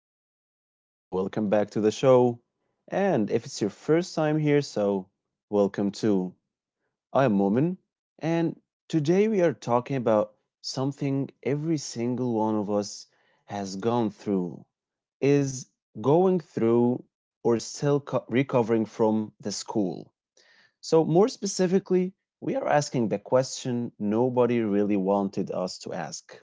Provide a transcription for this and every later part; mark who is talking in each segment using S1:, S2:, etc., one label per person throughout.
S1: up? So, welcome back to the show. And if it's your first time here, so welcome too. I'm Momin, and today we are talking about something every single one of us has gone through, is going through, or still recovering from the school. So, more specifically, we are asking the question nobody really wanted us to ask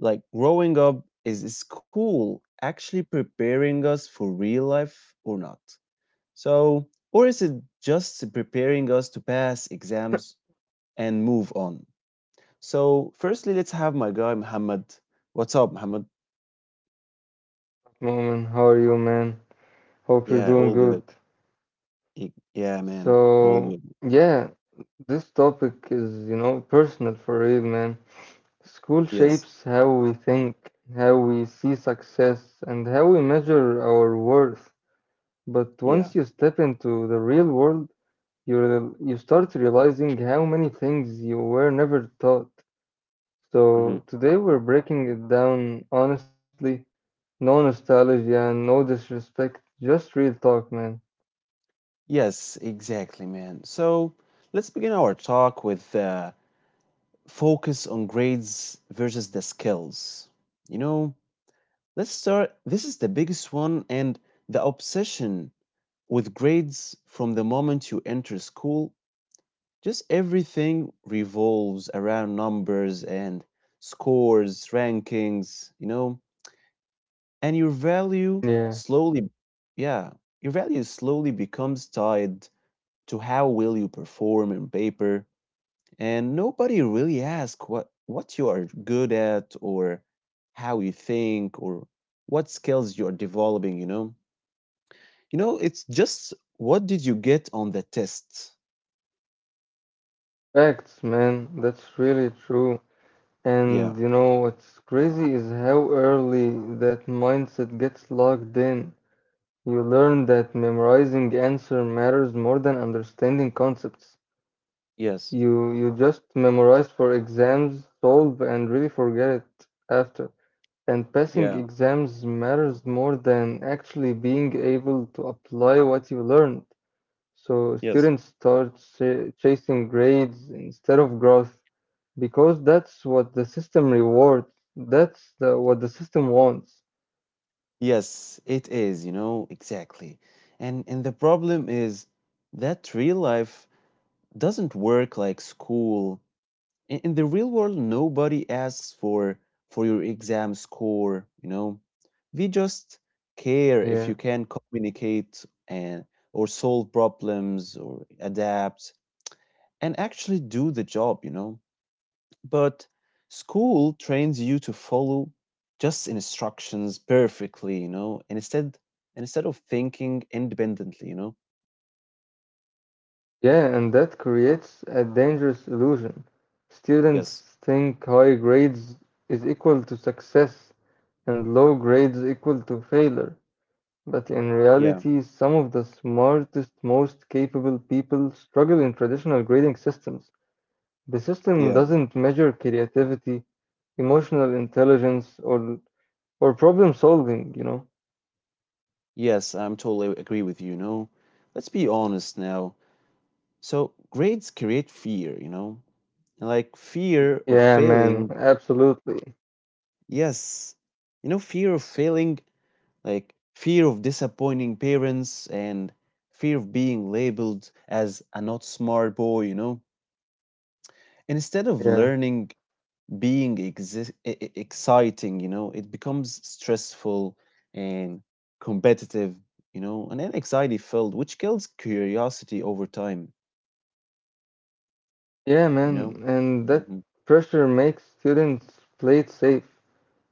S1: like growing up is school actually preparing us for real life or not? So, or is it just preparing us to pass exams and move on? So, firstly, let's have my guy Muhammad. What's up, Muhammad?
S2: Moment, how are you, man? Hope you're doing
S1: Yeah, all
S2: good.
S1: good. Yeah, man, all
S2: So,
S1: good.
S2: yeah, this topic is, you know, personal for real, man. School
S1: Yes,
S2: shapes how we think, how we see success, and how we measure our worth. But once you
S1: yeah.
S2: step into the real world, you start realizing how many things you were never taught.
S1: Hmm.
S2: So, today we're breaking it down honestly, no nostalgia, no disrespect, just real talk, man.
S1: Yes, exactly, man. So, let's begin our talk with focus on grades versus the skills. You know, Let's start. This is the biggest one, and the obsession with grades from the moment you enter school. Just everything revolves around numbers and scores, rankings, you know, and
S2: Yeah.
S1: slowly, yeah, your value slowly becomes tied to how will you perform in paper. And nobody really asks what you are good at or how you think or what skills you are developing, you know? You know, it's just what did you get on the test?
S2: Facts, man. That's really true.
S1: Yeah.
S2: And you know what's crazy is how early that mindset gets locked in. You learn that memorizing answer matters more than understanding concepts.
S1: Yes.
S2: You just memorize for exams, solve, and really forget it after. And passing
S1: Yeah.
S2: exams matters more than actually being able to apply what you learned. So
S1: Yes.
S2: students start ch chasing grades instead of growth. Because that's what the system rewards. That's what the system wants.
S1: Yes, it is, you know, exactly. And the problem is that real life doesn't work like school. In the real world, nobody asks for your exam score, you know. They just care
S2: Yeah.
S1: if you can communicate and or solve problems or adapt and actually do the job, you know. But school trains you to follow just instructions perfectly, you know, and instead of thinking independently, you know.
S2: Yeah, and that creates a dangerous illusion.
S1: Yes.
S2: Students think high grades is equal to success and low grades equal to failure. But in reality,
S1: Yeah.
S2: some of the smartest, most capable people struggle in traditional grading systems. The system
S1: Yeah.
S2: doesn't measure creativity, emotional intelligence, or problem solving, you know?
S1: Yes, I'm totally agree with you, you know. Let's be honest now. So grades create fear, you know. And like fear of
S2: Yeah, man,
S1: failing.
S2: absolutely.
S1: Yes. You know, fear of failing, like fear of disappointing parents and fear of being labeled as a not smart boy, you know. Instead of
S2: Yeah,
S1: learning being exciting, you know, it becomes stressful and competitive, you know, and then anxiety filled, which kills curiosity over time, you know?
S2: and that
S1: Hmm.
S2: pressure makes students play it safe.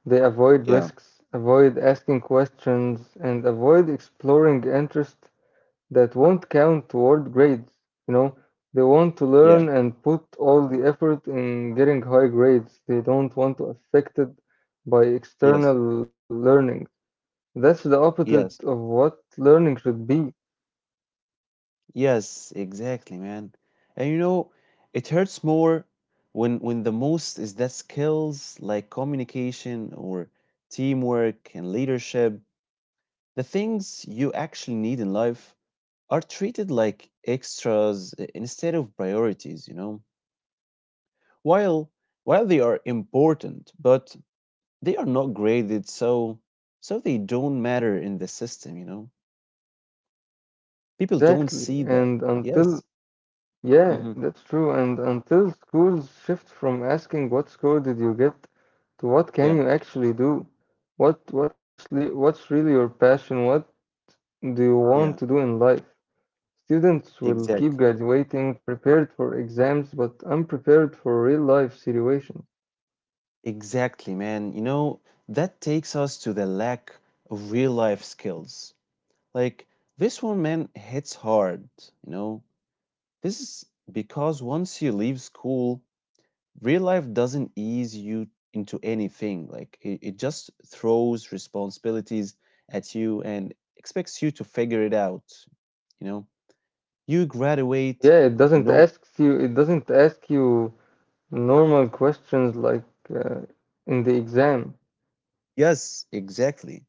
S2: They avoid
S1: Yeah,
S2: risks, avoid asking questions, and avoid exploring interests that won't count toward grades. You know, they want to
S1: yeah,
S2: learn and put all the effort in getting high grades. They don't want to affected by
S1: yes,
S2: external learning. That's the opposite of
S1: yes,
S2: what learning should be.
S1: yes, exactly, man. And you know, it hurts more when the most is that skills like communication or teamwork and leadership, the things you actually need in life are treated like extras instead of priorities, you know. While while they are important, but they are not graded, so they don't matter in the system, you know. People don't
S2: Exactly.
S1: see that.
S2: And until
S1: Yes.
S2: Yeah,
S1: Hmm.
S2: that's true. And until schools shift from asking what score did you get to what can
S1: Yeah.
S2: you actually do, what's really your passion, what do you want to
S1: Yeah.
S2: do in life? Students will keep
S1: Exactly.
S2: graduating prepared for exams but unprepared for real life situations.
S1: Exactly, man. You know, that takes us to the lack of real life skills. Like this one, man, hits hard, you know. This is because once you leave school, real life doesn't ease you into anything. Like it just throws responsibilities at you and expects you to figure it out. You know, you
S2: Yeah,
S1: graduate. No,
S2: it doesn't ask you normal questions like uh, in the exam.
S1: yes, exactly.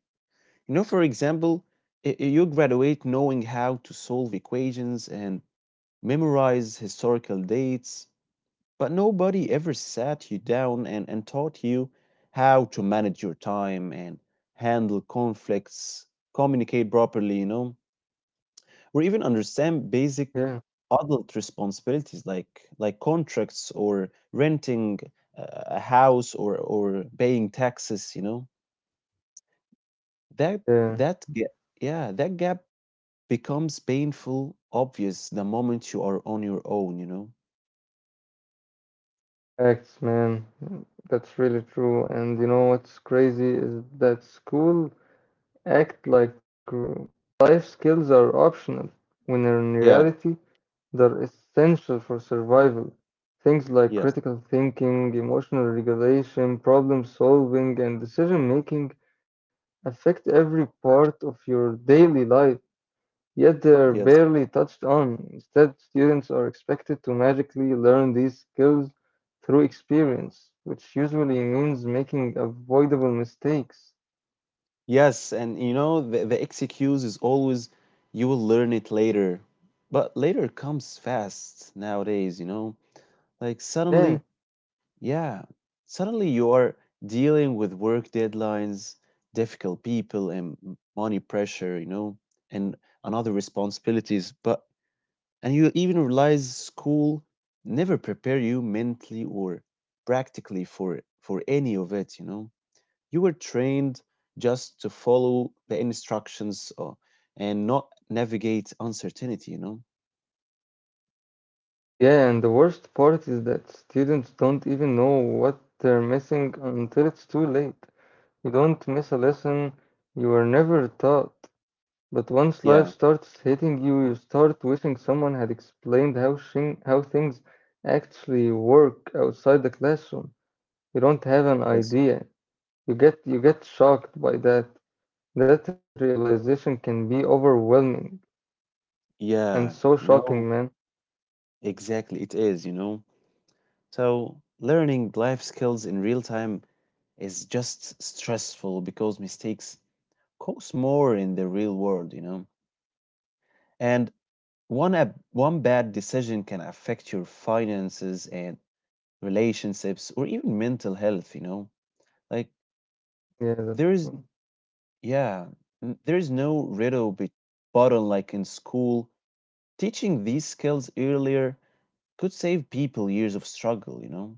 S1: You know, for example, you graduate knowing how to solve equations and memorize historical dates, but nobody ever sat you down and, taught you how to manage your time and handle conflicts, communicate properly, you know, or even understand
S2: Yeah,
S1: basic adult responsibilities like contracts or renting a house or paying taxes, you know. that
S2: yeah.
S1: that ga- yeah that gap becomes painful obvious the moment you are on your own, you know.
S2: Facts, man. That's really true. And you know what's crazy is that school act like life skills are optional, when in
S1: Yeah.
S2: reality, they're essential for survival. Things like
S1: Yes.
S2: critical thinking, emotional regulation, problem solving, and decision making affect every part of your daily life. Yet they are barely
S1: Yes.
S2: touched on. Instead, students are expected to magically learn these skills through experience, which usually means making avoidable mistakes.
S1: Yes, and you know, the excuse is always you will learn it later, but later comes fast nowadays, you know. Like
S2: Yeah,
S1: suddenly. Yeah, suddenly you are dealing with work deadlines, difficult people, and money pressure, you know, and another responsibilities. But and you even realize school never prepare you mentally or practically for any of it, you know. You were trained just to follow the instructions and not navigate uncertainty, you know.
S2: yeah, and the worst part is that students don't even know what they're missing until it's too late. You don't miss a lesson you were never taught. But once life
S1: Yeah,
S2: starts hitting you, you start wishing someone had explained how things actually work outside the classroom. You don't have an
S1: yes.
S2: idea. You get shocked by that. That realization can be overwhelming and so
S1: Yeah, you
S2: shocking, man.
S1: know, exactly it is, you know. So, learning life skills in real time is just stressful because mistakes cost more in the real world, you know. And one bad decision can affect your finances and relationships or even mental health, you know. Like
S2: Yeah, that's
S1: there is
S2: true.
S1: yeah, there is no riddle button like in school. Teaching these skills earlier could save people years of struggle, you know.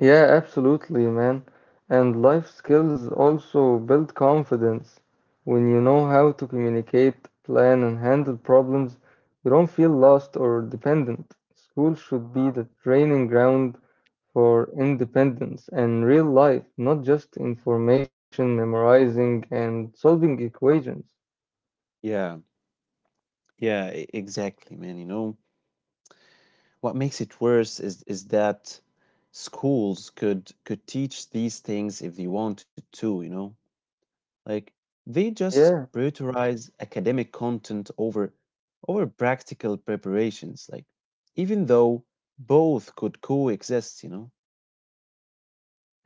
S2: Yeah, absolutely, man. And life skills also build confidence. When you know how to communicate, plan, and handle problems, you don't feel lost or dependent. School should be the training ground for independence and real life, not just information, memorizing, and solving equations.
S1: Yeah. Yeah, exactly, man, you know. What makes it worse is that schools could teach these things if they wanted to, you know? Like they just
S2: Yeah,
S1: prioritize academic content over practical preparations, like even though both could coexist, you know?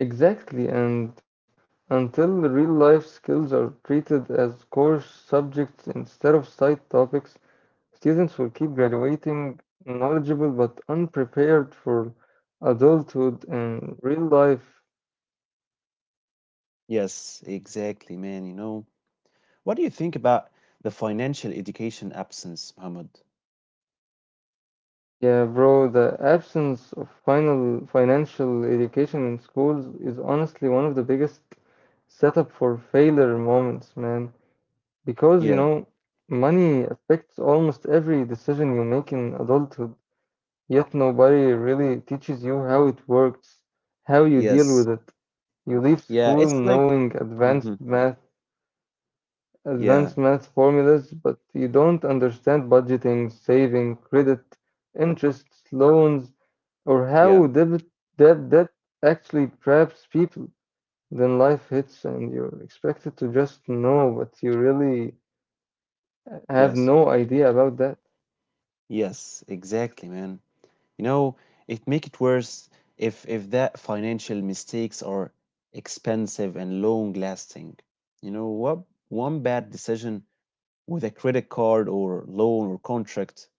S2: exactly. And until the real life skills are treated as course subjects instead of side topics, students will keep graduating knowledgeable but unprepared for adulthood and real life.
S1: Yes, exactly, man, you know. What do you think about the financial education absence, Muhammad?
S2: Yeah, bro, the absence of final financial education in schools is honestly one of the biggest setup for failure moments, man. Because, you
S1: Yeah.
S2: know, money affects almost every decision you make in adulthood, yet nobody really teaches you how it works, how you deal
S1: Yes.
S2: with it. You leave
S1: Yeah,
S2: school
S1: it's like.
S2: knowing
S1: Mhm.
S2: advanced
S1: Yeah.
S2: math formulas, but you don't understand budgeting, saving, credit, interests, loans, or
S1: Yeah.
S2: how debt actually traps people. Then life hits and you're expected to just know, but you really have
S1: Yes.
S2: no idea about that.
S1: Yes, exactly, man. You know, it make it worse if that financial mistakes are expensive and long lasting. You know what? One bad decision with a credit card or loan or contract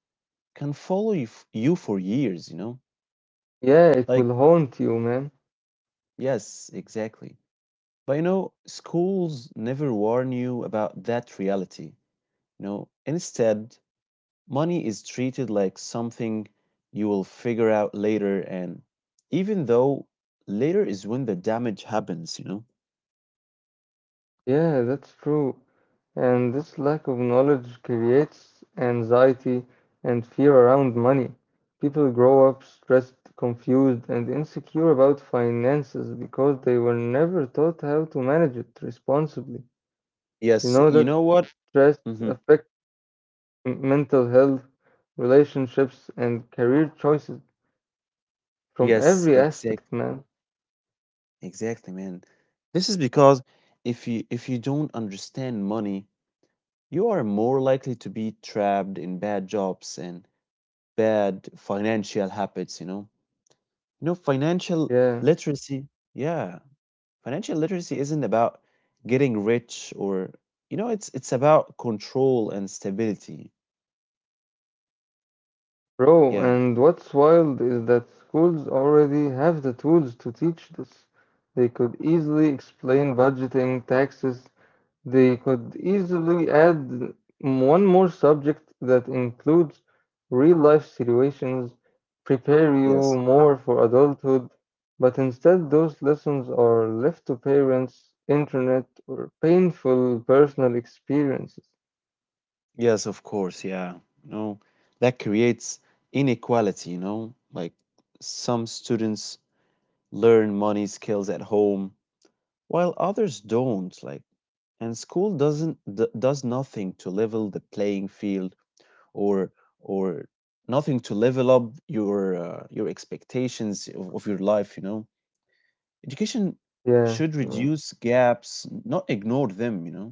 S1: can follow you for years, you know?
S2: Yeah, it
S1: Like,
S2: will haunt you, man.
S1: yes, exactly. But you know, schools never warn you about that reality. You know, instead, money is treated like something you will figure out later, and even though later is when the damage happens, you know.
S2: Yeah, that's true. And this lack of knowledge creates anxiety and fear around money. People grow up stressed, confused, and insecure about finances because they were never taught how to manage it responsibly. You know
S1: Yes,
S2: that
S1: you know what.
S2: stress
S1: Hmm.
S2: affects mental health, relationships, and career choices from
S1: Yes,
S2: every
S1: exact
S2: aspect, man.
S1: exactly man. This is because if you don't understand money, you are more likely to be trapped in bad jobs and bad financial habits, you know. You know, financial
S2: Yeah.
S1: literacy yeah, Financial literacy isn't about getting rich, or you know, it's about control and stability.
S2: Bro,
S1: Yeah.
S2: and what's wild is that schools already have the tools to teach this. They could easily explain budgeting, taxes. They could easily add one more subject that includes real life situations, prepare you
S1: Yes.
S2: more for adulthood. But instead, those lessons are left to parents, internet, or painful personal experiences.
S1: Yes, of course. Yeah. You know, that creates inequality, you know? Like some students learn money skills at home while others don't, like, and school doesn't does nothing to level the playing field or or nothing to level up your expectations of your life, you know? Education
S2: Yeah,
S1: should
S2: yeah.
S1: reduce gaps, not ignore them, you know?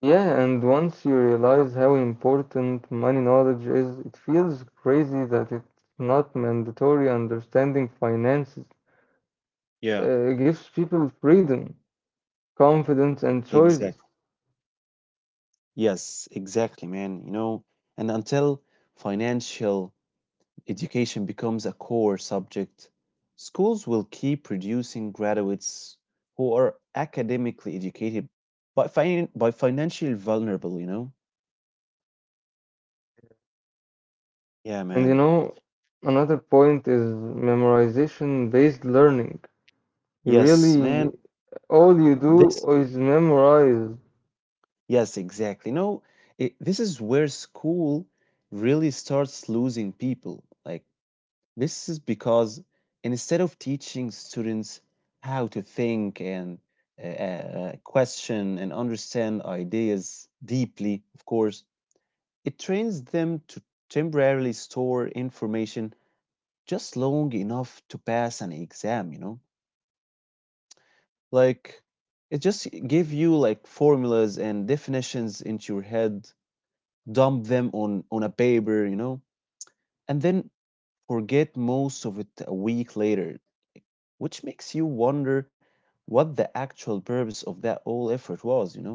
S2: Yeah, and once you realize how important money knowledge is, it feels crazy that it's not mandatory. Understanding finances
S1: Yeah.
S2: gives people freedom, confidence, and
S1: Exactly.
S2: choices.
S1: Yes, exactly, man. You know, and until financial education becomes a core subject, schools will keep producing graduates who are academically educated but by financially vulnerable, you know? Yeah,
S2: And you
S1: man.
S2: know, another point is memorization-based learning. You
S1: Yes,
S2: really,
S1: man.
S2: all you do
S1: This,
S2: is memorize
S1: yes, exactly. No, this is where school really starts losing people. Like, this is because instead of teaching students how to think and question and understand ideas deeply, of course, it trains them to temporarily store information just long enough to pass an exam, you know? Like, it just give you like formulas and definitions into your head, dump them on a paper, you know? And then forget most of it a week later, which makes you wonder what the actual purpose of that whole effort was, you know?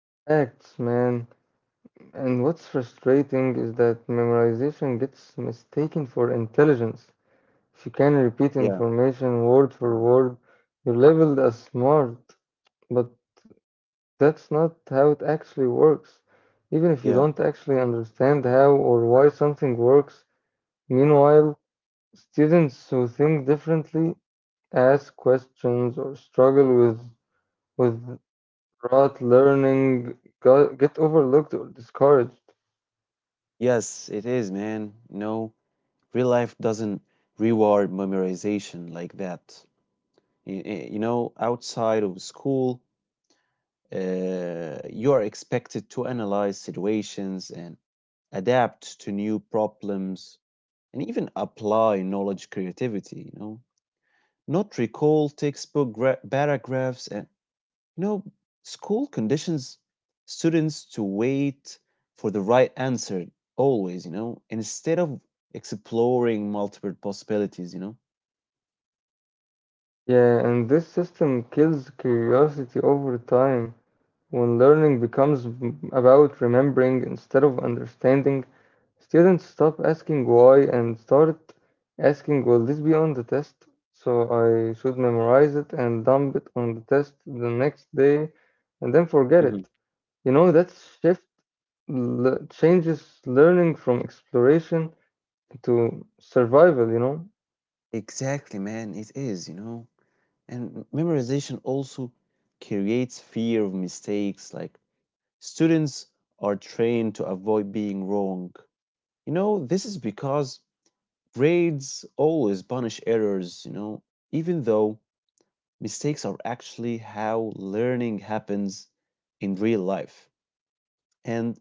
S2: facts, man. And what's frustrating is that memorization gets mistaken for intelligence. If you can repeat
S1: Yeah,
S2: information word for word, you're labeled as smart. But that's not how it actually works. Even if you don't
S1: yeah.
S2: actually understand how or why something works, meanwhile, students who think differently ask questions or struggle with with rote learning get overlooked or discouraged.
S1: Yes, it is, man. No, real life doesn't reward memorization like that. You know, outside of school, you are expected to analyze situations and adapt to new problems and even apply knowledge creativity, you know, not recall textbook paragraphs. And you know, school conditions students to wait for the right answer always, you know, instead of exploring multiple possibilities, you know.
S2: Yeah, and this system kills curiosity over time. When learning becomes about remembering instead of understanding, students stop asking why and start asking, will this be on the test? So I should memorize it and dump it on the test the next day and then forget it.
S1: Hmm.
S2: You know, that shift changes learning from exploration to survival, you know?
S1: Exactly, man, it is, you know. And memorization also creates fear of mistakes. Like, students are trained to avoid being wrong. You know, this is because grades always punish errors, you know, even though mistakes are actually how learning happens in real life. And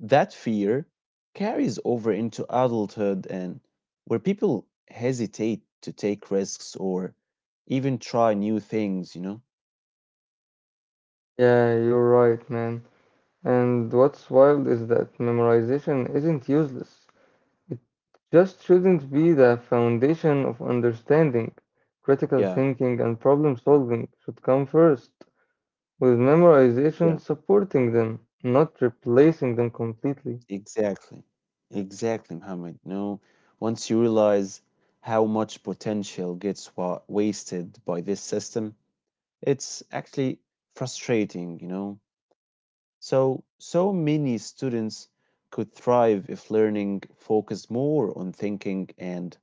S1: that fear carries over into adulthood, and where people hesitate to take risks or even try new things, you know?
S2: Yeah, you're right, man. And what's wild is that memorization isn't useless. It just shouldn't be the foundation of understanding. Critical
S1: Yeah,
S2: thinking and problem solving should come first, with memorization
S1: yeah,
S2: supporting them, not replacing them completely.
S1: exactly. Exactly, Mohammed. No, once you realize how much potential gets wasted by this system, it's actually frustrating, you know? So many students could thrive if learning focused more on thinking and,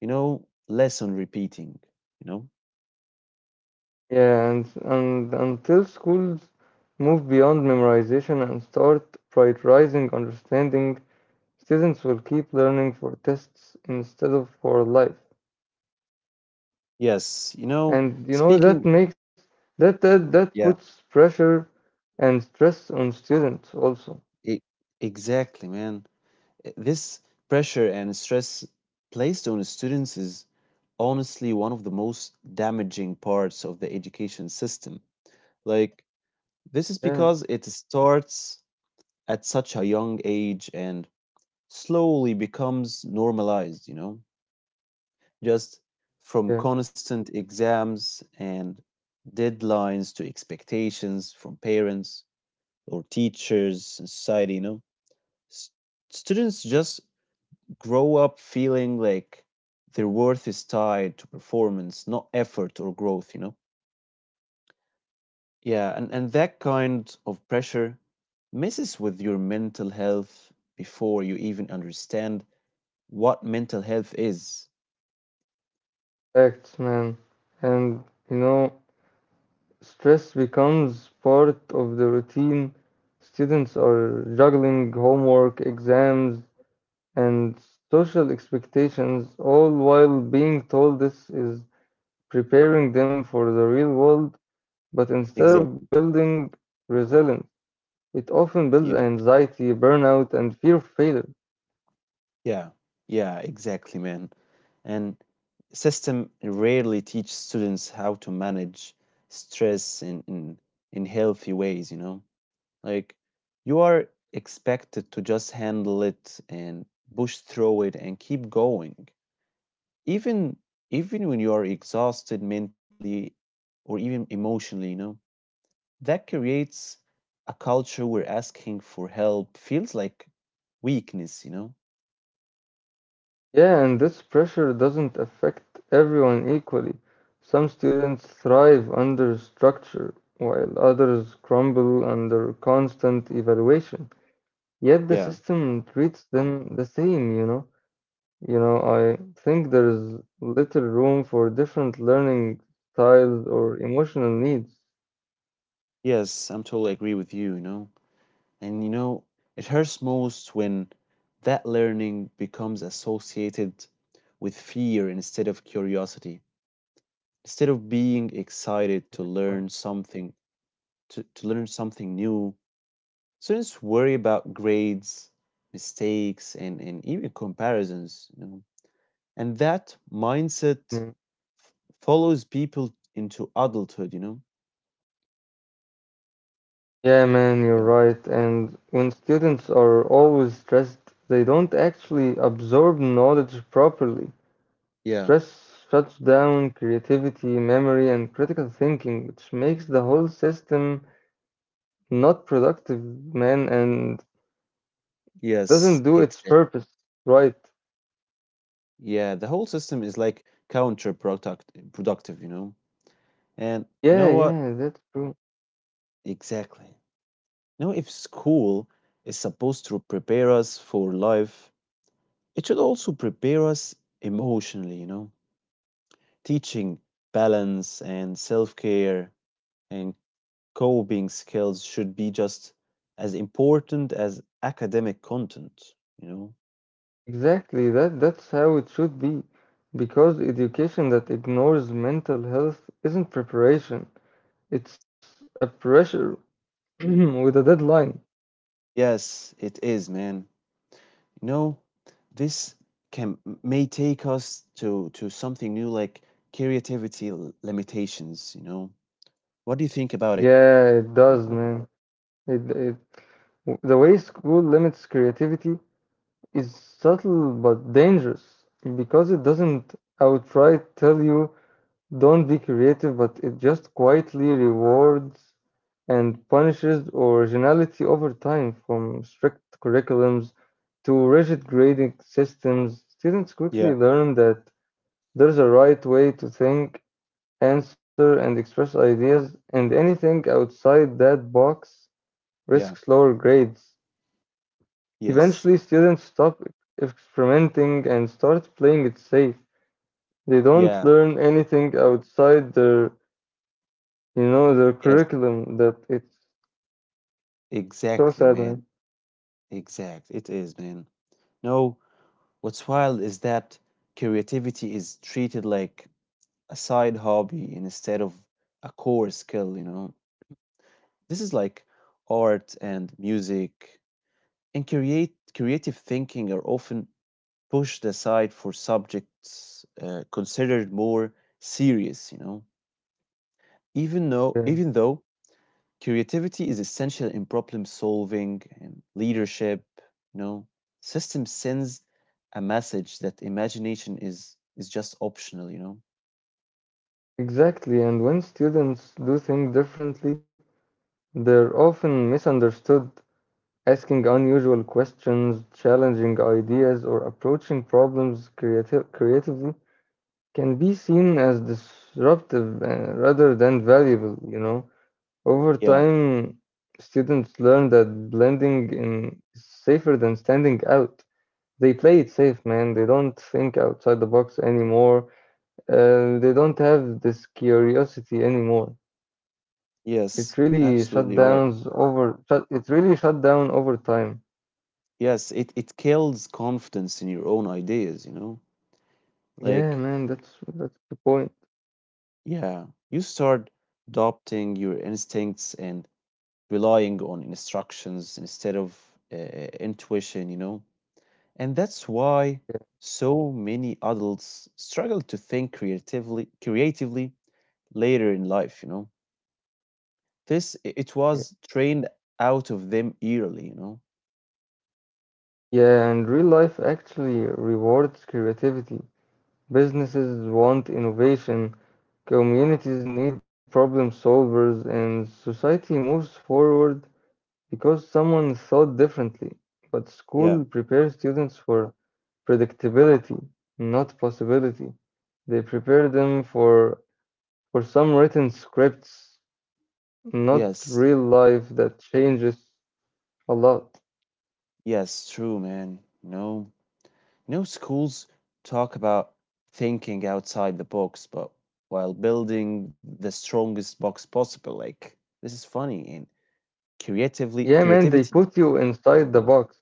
S1: you know, less on repeating, you know?
S2: Yeah, and until schools move beyond memorization and start prioritizing understanding, students will keep learning for tests instead of for life.
S1: Yes, you know,
S2: And you know
S1: speaking,
S2: that makes that
S1: yeah,
S2: puts pressure and stress on students also.
S1: e- exactly, man. This pressure and stress placed on students is honestly one of the most damaging parts of the education system. Like, this is
S2: Yeah,
S1: because it starts at such a young age and slowly becomes normalized, you know, just from
S2: yeah.
S1: constant exams and deadlines to expectations from parents or teachers and society, you know. S- students
S2: yeah.
S1: just grow up feeling like their worth is tied to performance, not effort or growth, you know. Yeah, and that kind of pressure messes with your mental health before you even understand what mental health is.
S2: Facts, man. And you know, stress becomes part of the routine. Students are juggling homework, exams, and social expectations, all while being told this is preparing them for the real world. But instead of
S1: Exactly.
S2: building resilience, it often builds
S1: Yeah.
S2: anxiety, burnout, and fear of failure.
S1: Yeah, yeah, exactly, man. And system rarely teach students how to manage stress in healthy ways, you know? Like, you are expected to just handle it and push through it and keep going. Even even when you are exhausted mentally or even emotionally, you know, that creates a culture where asking for help feels like weakness, you know?
S2: Yeah, and this pressure doesn't affect everyone equally. Some students thrive under structure, while others crumble under constant evaluation. Yet the
S1: Yeah.
S2: system treats them the same, you know. You know, I think there is little room for different learning styles or emotional needs.
S1: Yes, I'm totally agree with you, you know. And you know, it hurts most when that learning becomes associated with fear instead of curiosity. Instead of being excited to learn something, to learn something new, students worry about grades, mistakes, and even comparisons, you know. And that
S2: Hmm.
S1: mindset f- follows people into adulthood, you know?
S2: Yeah, man, you're
S1: Yeah.
S2: right. And when students are always stressed, they don't actually absorb knowledge properly.
S1: Yeah.
S2: Stress shuts down creativity, memory, and critical thinking, which makes the whole system not productive, man, and doesn't
S1: Yes,
S2: do its
S1: exactly.
S2: purpose right.
S1: Yeah, the whole system is like productive, you know? And you know what?
S2: Yeah, that's true.
S1: Exactly. You know, if school is supposed to prepare us for life, it should also prepare us emotionally, you know? Teaching balance and self care and coping skills should be just as important as academic content, you know?
S2: Exactly. That that's how it should be. Because education that ignores mental health isn't preparation. It's a pressure with a deadline.
S1: Yes, it is, man. You know, this can may take us to something new like creativity limitations, you know. What do you think about it?
S2: Yeah, it does, man. It the way school limits creativity is subtle but dangerous because it doesn't outright tell you don't be creative, but it just quietly rewards and punishes originality over time from strict curriculums to rigid grading systems. Students
S1: Yeah,
S2: quickly learn that there's a right way to think answer, and express ideas, and anything outside that box
S1: yeah.
S2: risks lower grades.
S1: Yes.
S2: Eventually, students stop experimenting and start playing it safe. They don't
S1: Yeah.
S2: learn anything outside their, you know, their
S1: Yes.
S2: curriculum. That it's so sad,
S1: Exactly,
S2: man.
S1: man. Exact. It is, man. No, what's wild is that creativity is treated like a side hobby instead of a core skill, you know. This is like art and music and create creative thinking are often pushed aside for subjects considered more serious, you know. Even though,
S2: Yeah,
S1: even though creativity is essential in problem solving and leadership, you know, system sends a message that imagination is just optional, you know.
S2: exactly. And when students do think differently, they're often misunderstood. Asking unusual questions, challenging ideas, or approaching problems creatively can be seen as disruptive rather than valuable, you know. Over
S1: Yeah.
S2: time, students learn that blending in is safer than standing out. They play it safe, man. They don't think outside the box anymore. They don't have this curiosity anymore.
S1: Yes. Absolutely right.
S2: It really shut down over time.
S1: Yes, it kills confidence in your own ideas, you know.
S2: Yeah,
S1: Like,
S2: man. That's the point.
S1: yeah, you start adopting your instincts and relying on instructions instead of uh, intuition, you know? And that's
S2: Yeah,
S1: why so many adults struggle to think creatively later in life, you know? It
S2: yeah,
S1: was trained out of them early, you know?
S2: Yeah, and real life actually rewards creativity. Businesses want innovation, communities need problem solvers, and society moves forward because someone thought differently. But school
S1: Yeah.
S2: prepares students for predictability, not possibility. They prepare them for some written scripts, not
S1: Yes.
S2: real life that changes a lot.
S1: Yes, true, man. No. No schools talk about thinking outside the box, but while building the strongest box possible. Like this is funny and creatively
S2: Yeah, man, they
S1: creativity.
S2: put you inside the box.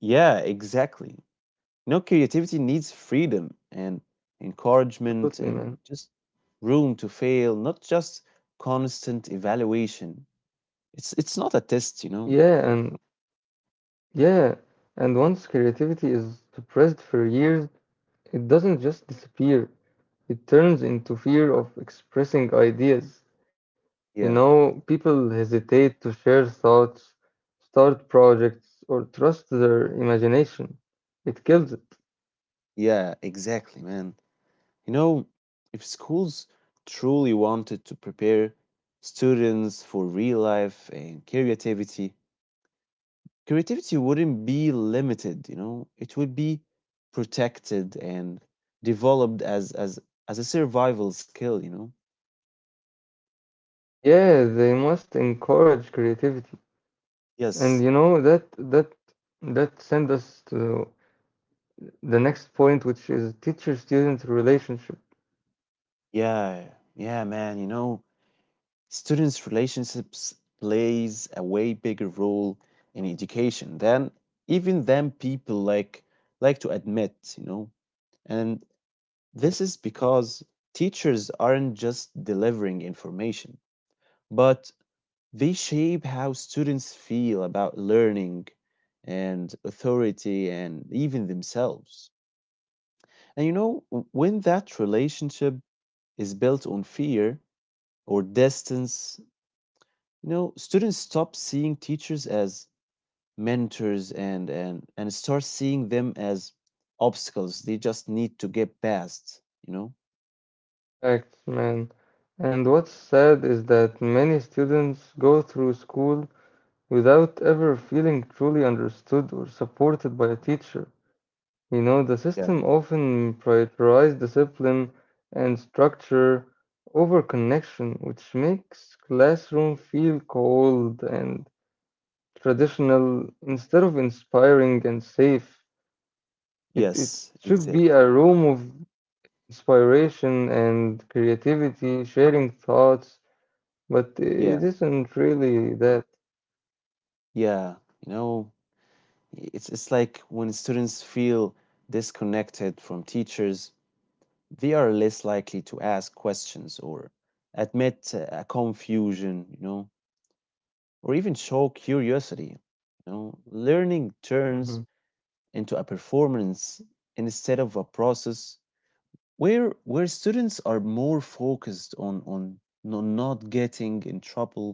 S1: Yeah, exactly. You know, creativity needs freedom and encouragement
S2: Absolutely,
S1: and
S2: man.
S1: just room to fail, not just constant evaluation. It's not a test, you know.
S2: Yeah, and Yeah, and once creativity is suppressed for years, it doesn't just disappear. It turns into fear of expressing ideas. You
S1: Yeah.
S2: know, people hesitate to share thoughts, start projects, or trust their imagination. It kills it.
S1: Yeah, exactly, man. You know, if schools truly wanted to prepare students for real life and creativity, creativity wouldn't be limited, you know, it would be protected and developed as a survival skill, you know.
S2: Yeah, they must encourage creativity. And
S1: Yes.
S2: you know that send us to the next point, which is teacher-student relationship.
S1: Yeah. Yeah, man, you know, students' relationships plays a way bigger role in education than even than people like to admit, you know. And this is because teachers aren't just delivering information, but they shape how students feel about learning and authority and even themselves. And you know, when that relationship is built on fear or distance, you know, students stop seeing teachers as mentors and start seeing them as obstacles they just need to get past, you know?
S2: Facts, man. And what's sad is that many students go through school without ever feeling truly understood or supported by a teacher. You know, the
S1: Yeah.
S2: system often prioritizes discipline and structure over connection, which makes classroom feel cold and traditional instead of inspiring and safe. It
S1: Yes,
S2: should be
S1: exactly.
S2: a room of inspiration and creativity, sharing thoughts, but it
S1: Yeah.
S2: isn't really that.
S1: Yeah. You know, it's like when students feel disconnected from teachers, they are less likely to ask questions or admit a confusion, you know, or even show curiosity. You know, learning
S2: Hmm.
S1: turns into a performance instead of a process where students are more focused on not getting in trouble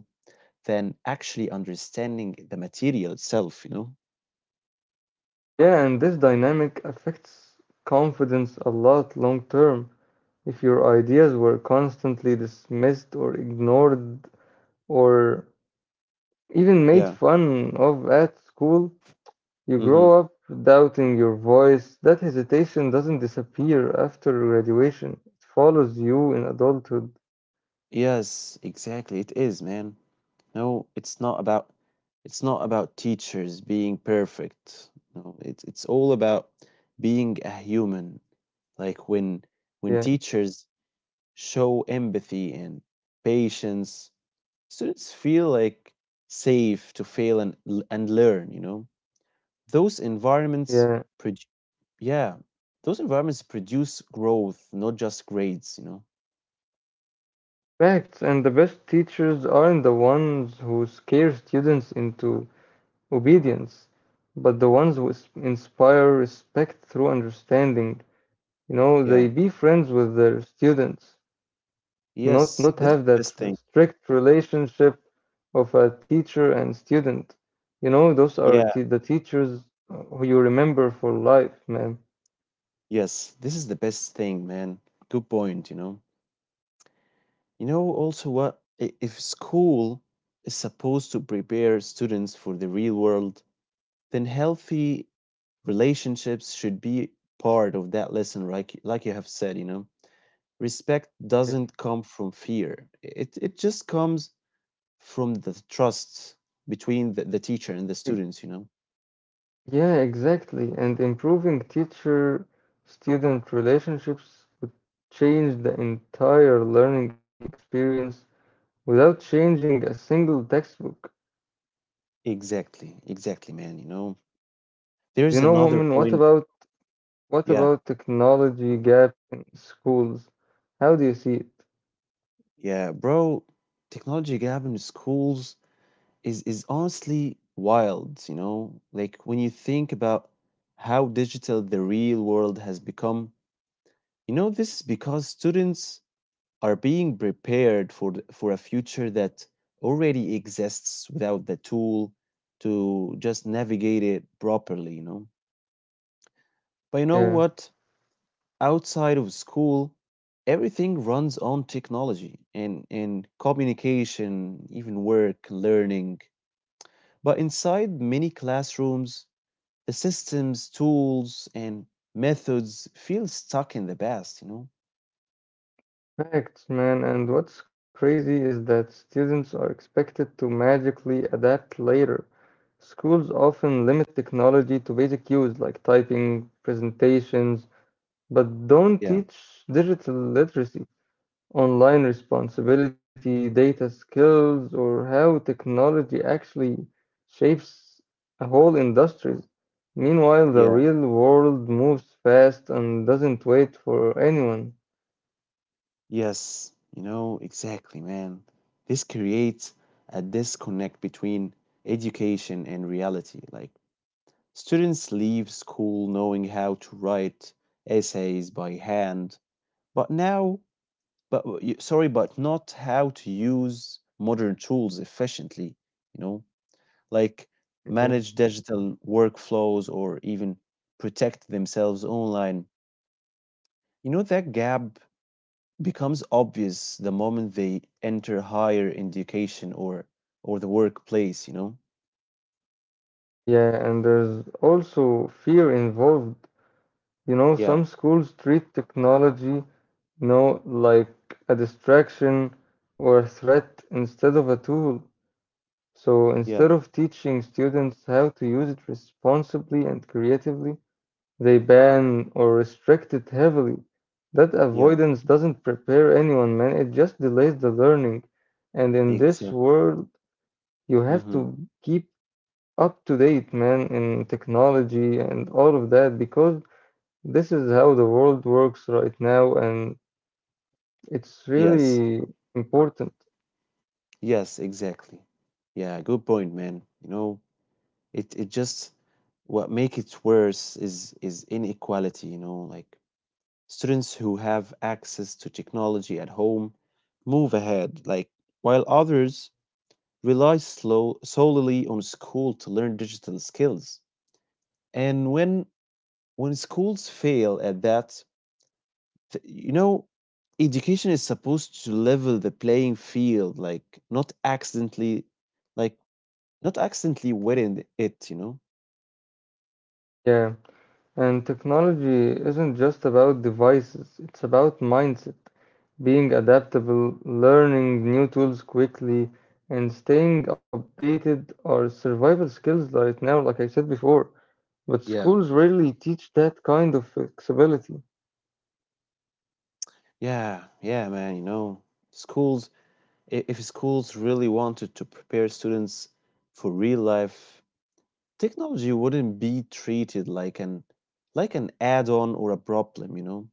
S1: than actually understanding the material itself, you know.
S2: Yeah, and this dynamic affects confidence a lot long term. If your ideas were constantly dismissed or ignored or even
S1: Yeah.
S2: made fun of at school, you
S1: Mm-hmm.
S2: grow up doubting your voice. That hesitation doesn't disappear after graduation, it follows you in adulthood.
S1: Yes, exactly. It is, man. No, it's not about it's not about teachers being perfect. No, it's all about being a human. Like when
S2: Yeah,
S1: teachers show empathy and patience, students feel safe to fail and and learn, you know. Those environments
S2: yeah.
S1: produ- yeah, those environments produce growth, not just grades, you know.
S2: Facts, and the best teachers aren't the ones who scare students into obedience, but the ones who inspire respect through understanding. You know, they
S1: Yeah.
S2: be friends with their students, not
S1: Yes,
S2: not
S1: this is
S2: have
S1: the
S2: that
S1: best thing.
S2: strict relationship of a teacher and student. You know, those are t
S1: Yeah.
S2: the teachers who you remember for life, man.
S1: Yes, this is the best thing, man. Good point, you know. You know, also, if school is supposed to prepare students for the real world, then healthy relationships should be part of that lesson, right? Like you have said, you know, respect
S2: Yeah,
S1: doesn't come from fear, it just comes from the trust between the teacher and the
S2: Ex-
S1: students, you know.
S2: yeah, exactly. And improving teacher-student relationships would change the entire learning experience without changing a single textbook.
S1: Exactly, man. You know,
S2: You
S1: there's
S2: know,
S1: another
S2: Mu'min, what
S1: point.
S2: about what
S1: Yeah.
S2: about technology gap in schools? How do you see it?
S1: Yeah, bro, technology gap in schools is honestly wild, you know? Like when you think about how digital the real world has become, you know, this is because students are being prepared for for a future that already exists without the tool to just navigate it properly, you know? But you know
S2: Yeah,
S1: what? Outside of school, everything runs on technology and, communication, even work, learning. But inside many classrooms, the systems, tools, and methods feel stuck in the past, you know?
S2: facts, man. And what's crazy is that students are expected to magically adapt later. Schools often limit technology to basic use like typing, presentations, but don't
S1: Yeah,
S2: teach digital literacy, online responsibility, data skills, or how technology actually shapes a whole industries. Meanwhile, the
S1: yeah,
S2: real world moves fast and doesn't wait for anyone.
S1: yes, you know, exactly, man. This creates a disconnect between education and reality. Like, students leave school knowing how to write essays by hand. But now, but sorry, but not how to use modern tools efficiently, you know, like
S2: Yeah,
S1: manage digital workflows or even protect themselves online. You know, that gap becomes obvious the moment they enter higher education or the workplace, you know?
S2: Yeah, and there's also fear involved. You know, some
S1: Yeah,
S2: schools treat technology, you know, like a distraction or a threat instead of a tool. So instead of
S1: yeah,
S2: teaching students how to use it responsibly and creatively, they ban or restrict it heavily. That
S1: yeah,
S2: avoidance doesn't prepare anyone, man. It just delays the learning. And in this
S1: exactly.
S2: world, you have to
S1: Mm-hmm.
S2: keep up to date, man, in technology and all of that, because this is how the world works right now, and it's
S1: Yes,
S2: really important.
S1: yes, exactly. Yeah, good point, man. You know, it just what make it worse is inequality, you know, like students who have access to technology at home move ahead, like while others rely slow solely on school to learn digital skills. And when schools fail at that, you know, education is supposed to level the playing field, like not accidentally win it, you know?
S2: Yeah. And technology isn't just about devices, it's about mindset, being adaptable, learning new tools quickly, and staying updated are survival skills right now, like I said before. But
S1: Yeah.
S2: schools rarely teach that kind of flexibility.
S1: Yeah, yeah, man, you know, schools, if schools really wanted to prepare students for real life, technology wouldn't be treated like an add-on or a problem, you know.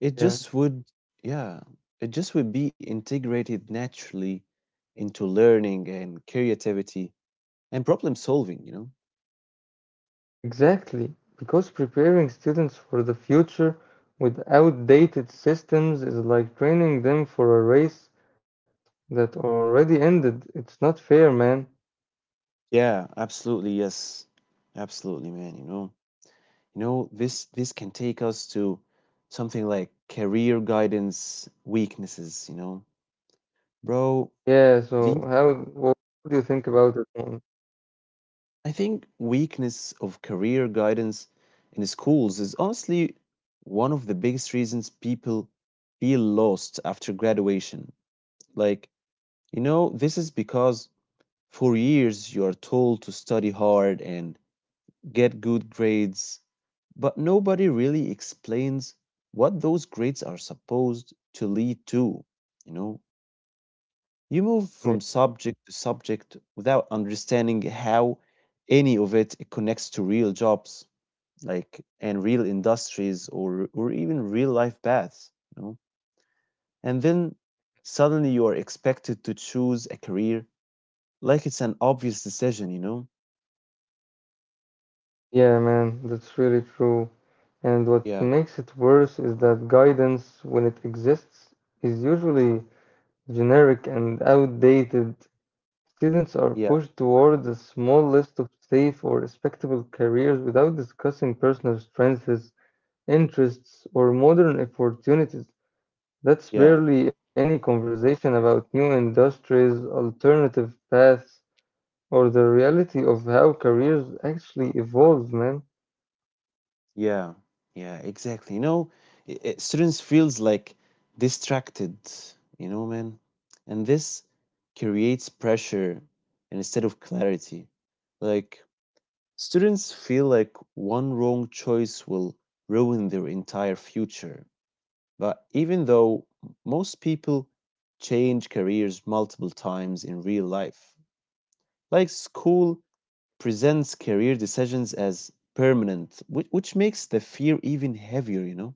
S1: It
S2: Yeah,
S1: just would, yeah, it just would be integrated naturally into learning and creativity and problem solving, you know.
S2: exactly. Because preparing students for the future with outdated systems is like training them for a race that already ended. It's not fair, man.
S1: Yeah, absolutely, yes. Absolutely, man, you know. You know, this can take us to something like career guidance weaknesses, you know. Bro,
S2: Yeah, so
S1: the
S2: how what do you think about it, man?
S1: I think weakness of career guidance in schools is honestly one of the biggest reasons people feel lost after graduation. Like, you know, this is because for years you are told to study hard and get good grades, but nobody really explains what those grades are supposed to lead to, you know? You move
S2: Yeah,
S1: from subject to subject without understanding how any of it connects to real jobs, like and real industries or even real life paths, you know? And then suddenly you are expected to choose a career like it's an obvious decision, you know?
S2: yeah, man, that's really true. And what
S1: Yeah,
S2: makes it worse is that guidance, when it exists, is usually generic and outdated. Students are
S1: yeah,
S2: pushed towards a small list of safe or respectable careers without discussing personal strengths, interests, or modern opportunities. That's
S1: yeah.
S2: barely any conversation about new industries, alternative paths, or the reality of
S1: Yes.
S2: how careers actually evolve, man,
S1: Yeah, yeah, exactly. You know, students feels like distracted, you know, man, and this creates pressure instead of clarity. Like students feel like one wrong choice will ruin their entire future. But even though most people change careers multiple times in real life, like school presents career decisions as permanent, which makes the fear even heavier, you know?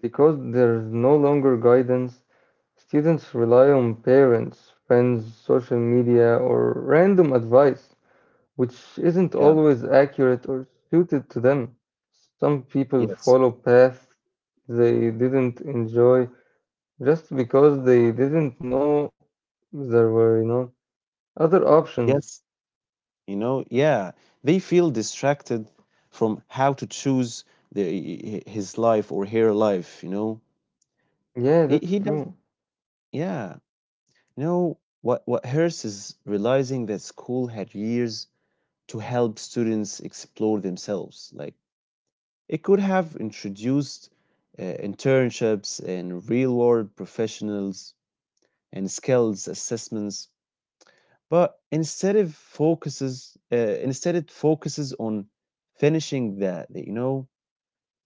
S2: because there's no longer guidance. Students rely on parents, friends, social media, or random advice, which isn't
S1: Yeah,
S2: always accurate or suited to them. Some people
S1: yes,
S2: follow paths they didn't enjoy just because they didn't know there were, you know, other options.
S1: yes, yeah. They feel distracted from how to choose his life or her life, you know?
S2: Yeah, that's
S1: He does,
S2: true.
S1: yeah. You know, what hurts is realizing that school had years to help students explore themselves. Like, it could have introduced internships and real world professionals and skills assessments, but instead it focuses on finishing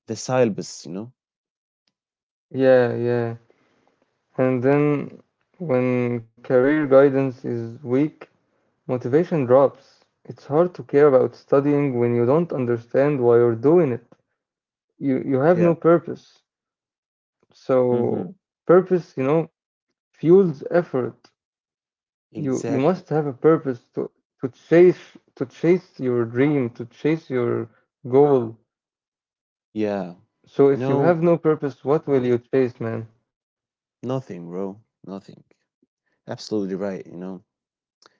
S1: the syllabus, you know.
S2: Yeah. And then, when career guidance is weak, motivation drops. It's hard to care about studying when you don't understand why you're doing it. You have
S1: Yeah.
S2: no purpose.
S1: Mm-hmm.
S2: So, purpose, you know, fuels effort. You must
S1: Exactly.
S2: have a purpose to, to chase your dream, to chase your goal.
S1: Yeah.
S2: So
S1: You
S2: if you
S1: know
S2: have no purpose, what will you chase, man?
S1: nothing, bro. Nothing. Absolutely right. You know.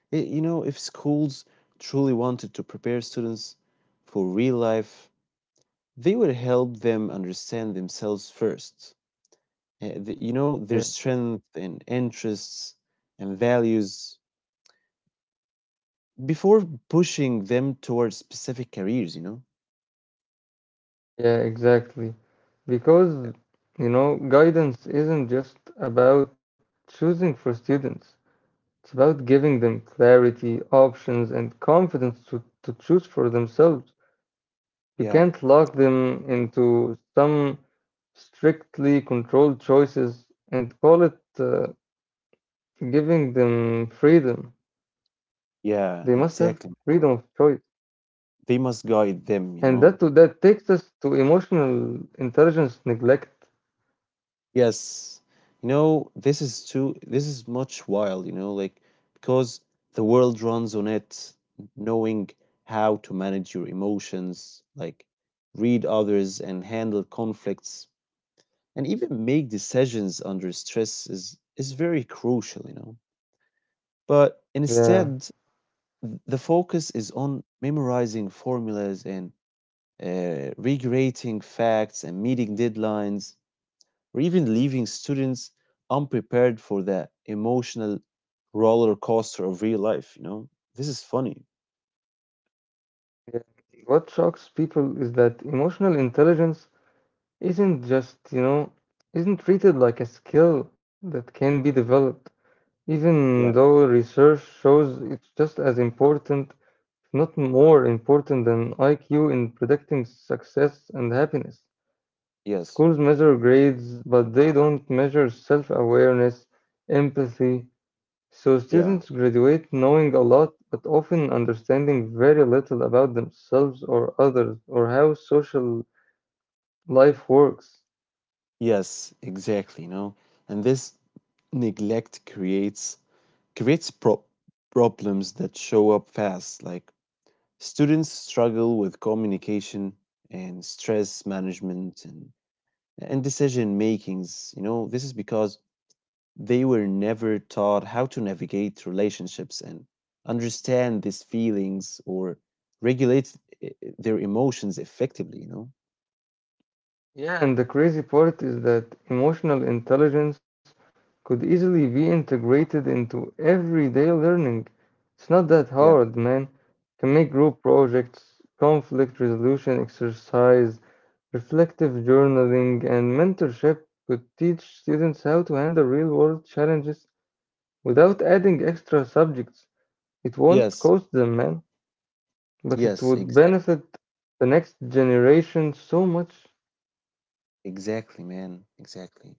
S1: You know if schools truly wanted to prepare students for real life, they would help them understand themselves first. You know their
S2: Yeah.
S1: strength and interests and values before pushing them towards specific careers, you know?
S2: Yeah, exactly. Because,
S1: Yeah.
S2: you know, guidance isn't just about choosing for students, it's about giving them clarity, options, and confidence to choose for themselves. You
S1: Yeah,
S2: can't lock them into some strictly controlled choices and call it giving them freedom. They
S1: yeah,
S2: must have
S1: exactly.
S2: freedom of choice.
S1: They must guide them, you
S2: And that,
S1: know.
S2: to, that takes us to emotional intelligence neglect.
S1: Yes. You know, this is much wild, you know, like because the world runs on it, knowing how to manage your emotions, like read others and handle conflicts and even make decisions under stress is very crucial, you know. But
S2: Yeah.
S1: instead, the focus is on memorizing formulas and regretting facts and meeting deadlines, or even leaving students unprepared for the emotional roller coaster of real life. You know, this is funny.
S2: Yeah. What shocks people is that emotional intelligence isn't just, you know, isn't treated like a skill that can be developed, even
S1: Yeah.
S2: though research shows it's just as important, if not more important than IQ in predicting success and happiness.
S1: Yes.
S2: Schools measure grades, but they don't measure self awareness, empathy. So students
S1: Yeah.
S2: graduate knowing a lot, but often understanding very little about themselves or others or how social life works.
S1: Yes. Exactly. You know, and this neglect creates problems that show up fast, like students struggle with communication and stress management and decision makings, you know, this is because they were never taught how to navigate relationships and understand these feelings or regulate their emotions effectively, you know.
S2: Yeah, and the crazy part is that emotional intelligence could easily be integrated into everyday learning. It's not that hard,
S1: Yeah.
S2: man. Can make group projects, conflict resolution exercise, reflective journaling, and mentorship could teach students how to handle real world challenges without adding extra subjects. It won't
S1: Yes,
S2: cost them, man, but it
S1: yes,
S2: would benefit the next generation so much.
S1: exactly, man. Exactly,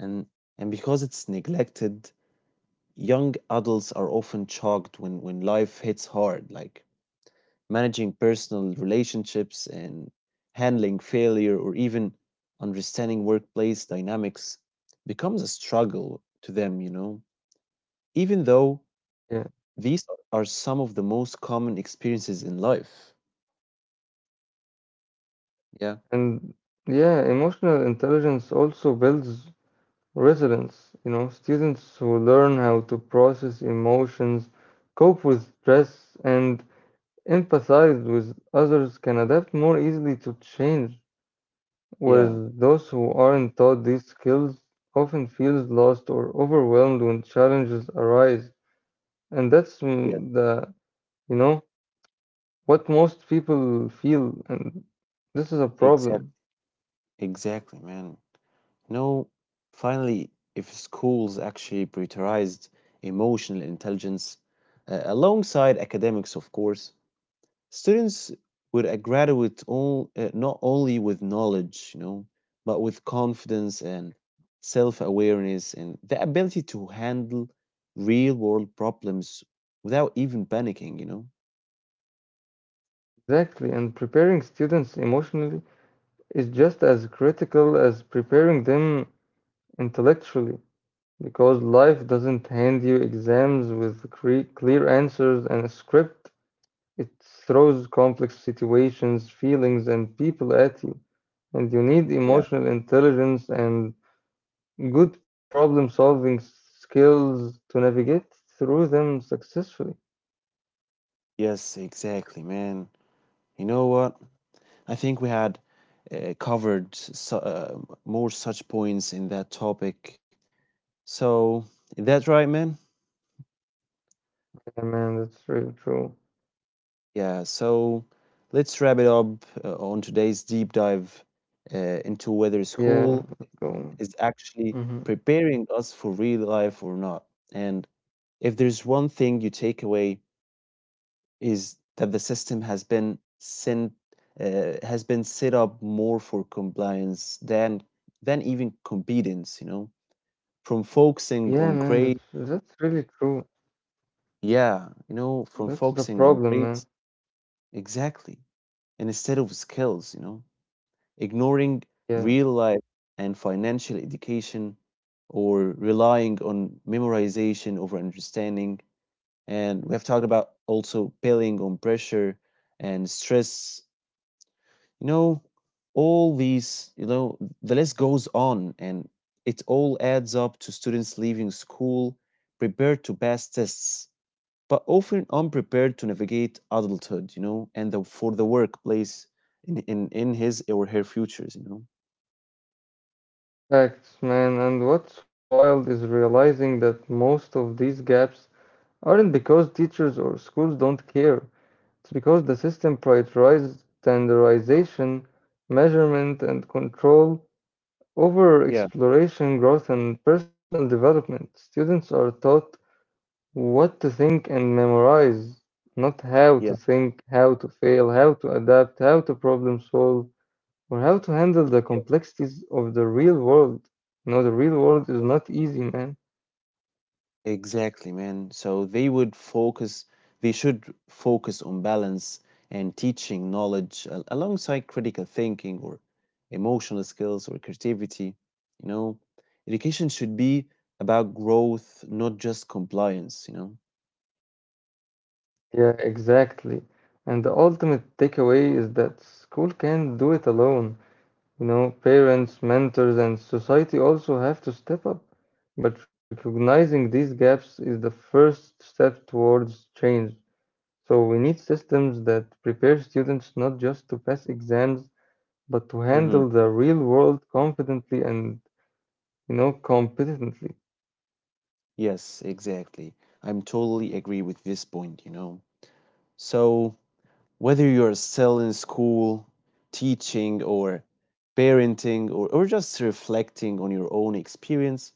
S1: and because it's neglected, young adults are often shocked when life hits hard, like managing personal relationships and handling failure or even understanding workplace dynamics becomes a struggle to them, you know, even though
S2: Yeah,
S1: these are some of the most common experiences in life. Yeah,
S2: and yeah, emotional intelligence also builds resilience. You know, students who learn how to process emotions, cope with stress, and empathize with others can adapt more easily to change,
S1: yeah,
S2: whereas those who aren't taught these skills often feels lost or overwhelmed when challenges arise. And that's
S1: yeah,
S2: you know, what most people feel, and this is a problem.
S1: exactly, exactly, man. No, finally, if schools actually prioritized emotional intelligence alongside academics, of course, students would graduate not only with knowledge, you know, but with confidence and self awareness and the ability to handle real world problems without even panicking, you know.
S2: Exactly, and preparing students emotionally is just as critical as preparing them intellectually, because life doesn't hand you exams with clear answers and a script. It throws complex situations, feelings, and people at you. And you need
S1: Yeah.
S2: emotional intelligence and good problem solving skills to navigate through them successfully.
S1: Yes, exactly, man. You know what? I think we had covered more such points in that topic. So, is that right, man?
S2: Yeah, man, that's really true.
S1: Yeah, so let's wrap it up on today's deep dive into whether school
S2: Yeah, let's
S1: is
S2: go.
S1: actually
S2: Hmm.
S1: preparing us for real life or not. And if there's one thing you take away is that the system has been set up more for compliance than even competence, you know, from focusing
S2: Yeah,
S1: on
S2: man,
S1: grades.
S2: that's really true.
S1: Yeah, you know, from
S2: That's the
S1: focusing on
S2: problem, man.
S1: grades exactly, and instead of skills, you know. Ignoring
S2: Yeah.
S1: real life and financial education or relying on memorization over understanding. And we have talked about also piling on pressure and stress. You know, all these, you know, the list goes on and it all adds up to students leaving school prepared to pass tests, but often unprepared to navigate adulthood, you know, and the, for the workplace in his or her futures, you know.
S2: Facts, man. And what's wild is realizing that most of these gaps aren't because teachers or schools don't care. It's because the system prioritizes standardization, measurement, and control over
S1: Yeah.
S2: exploration, growth, and personal development. Students are taught what to think and memorize, not how to
S1: Yeah,
S2: think, how to fail, how to adapt, how to problem solve, or how to handle the
S1: yes,
S2: complexities of the real world. You know, the real world is
S1: yes.
S2: not easy, man.
S1: Exactly, man. They should focus on balance and teaching knowledge alongside critical thinking or emotional skills or creativity. You know, education should be about growth, not just compliance, you know.
S2: Yeah, exactly. And the ultimate takeaway is that school can't do it alone. You know, parents, mentors, and society also have to step up. But recognizing these gaps is the first step towards change. So we need systems that prepare students not just to pass exams, but to
S1: Hmm.
S2: handle the real world confidently and, you know, competently.
S1: Yes, exactly. I'm totally agree with this point, you know. So, whether you're still in school, teaching, or parenting, or just reflecting on your own experience,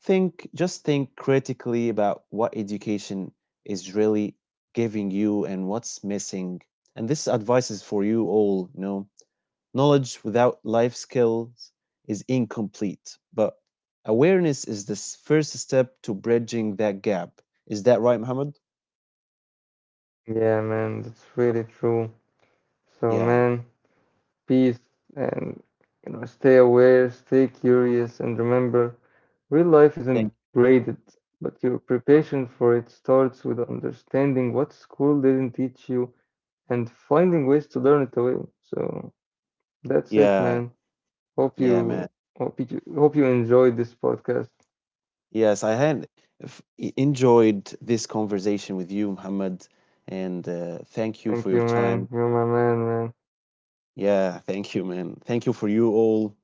S1: think just think critically about what education is really giving you and what's missing. And this advice is for you all, you know. Knowledge without life skills is incomplete, but awareness is the first step to bridging that gap. Is that right, Muhammad?
S2: Yeah, man, that's really true. So,
S1: Yeah.
S2: man, peace. And you know, stay aware, stay curious, and remember, real life isn't
S1: Thank—
S2: graded, but your preparation for it starts with understanding what school didn't teach you and finding ways to learn it away. So that's it, man.
S1: yeah.
S2: hope you
S1: Yeah, man.
S2: Hope you enjoyed this podcast.
S1: Yes, I had enjoyed this conversation with you, Muhammad, and thank you
S2: Thank
S1: for
S2: you,
S1: your
S2: man,
S1: time.
S2: you're my man, man.
S1: Yeah, thank you, man. Thank you for you all.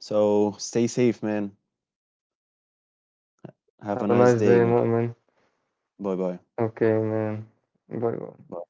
S1: So stay safe, man. Have
S2: Have
S1: a
S2: a
S1: nice
S2: nice day,
S1: day, man.
S2: Mu'min.
S1: Bye bye.
S2: Okay, man, bye bye.
S1: Bye.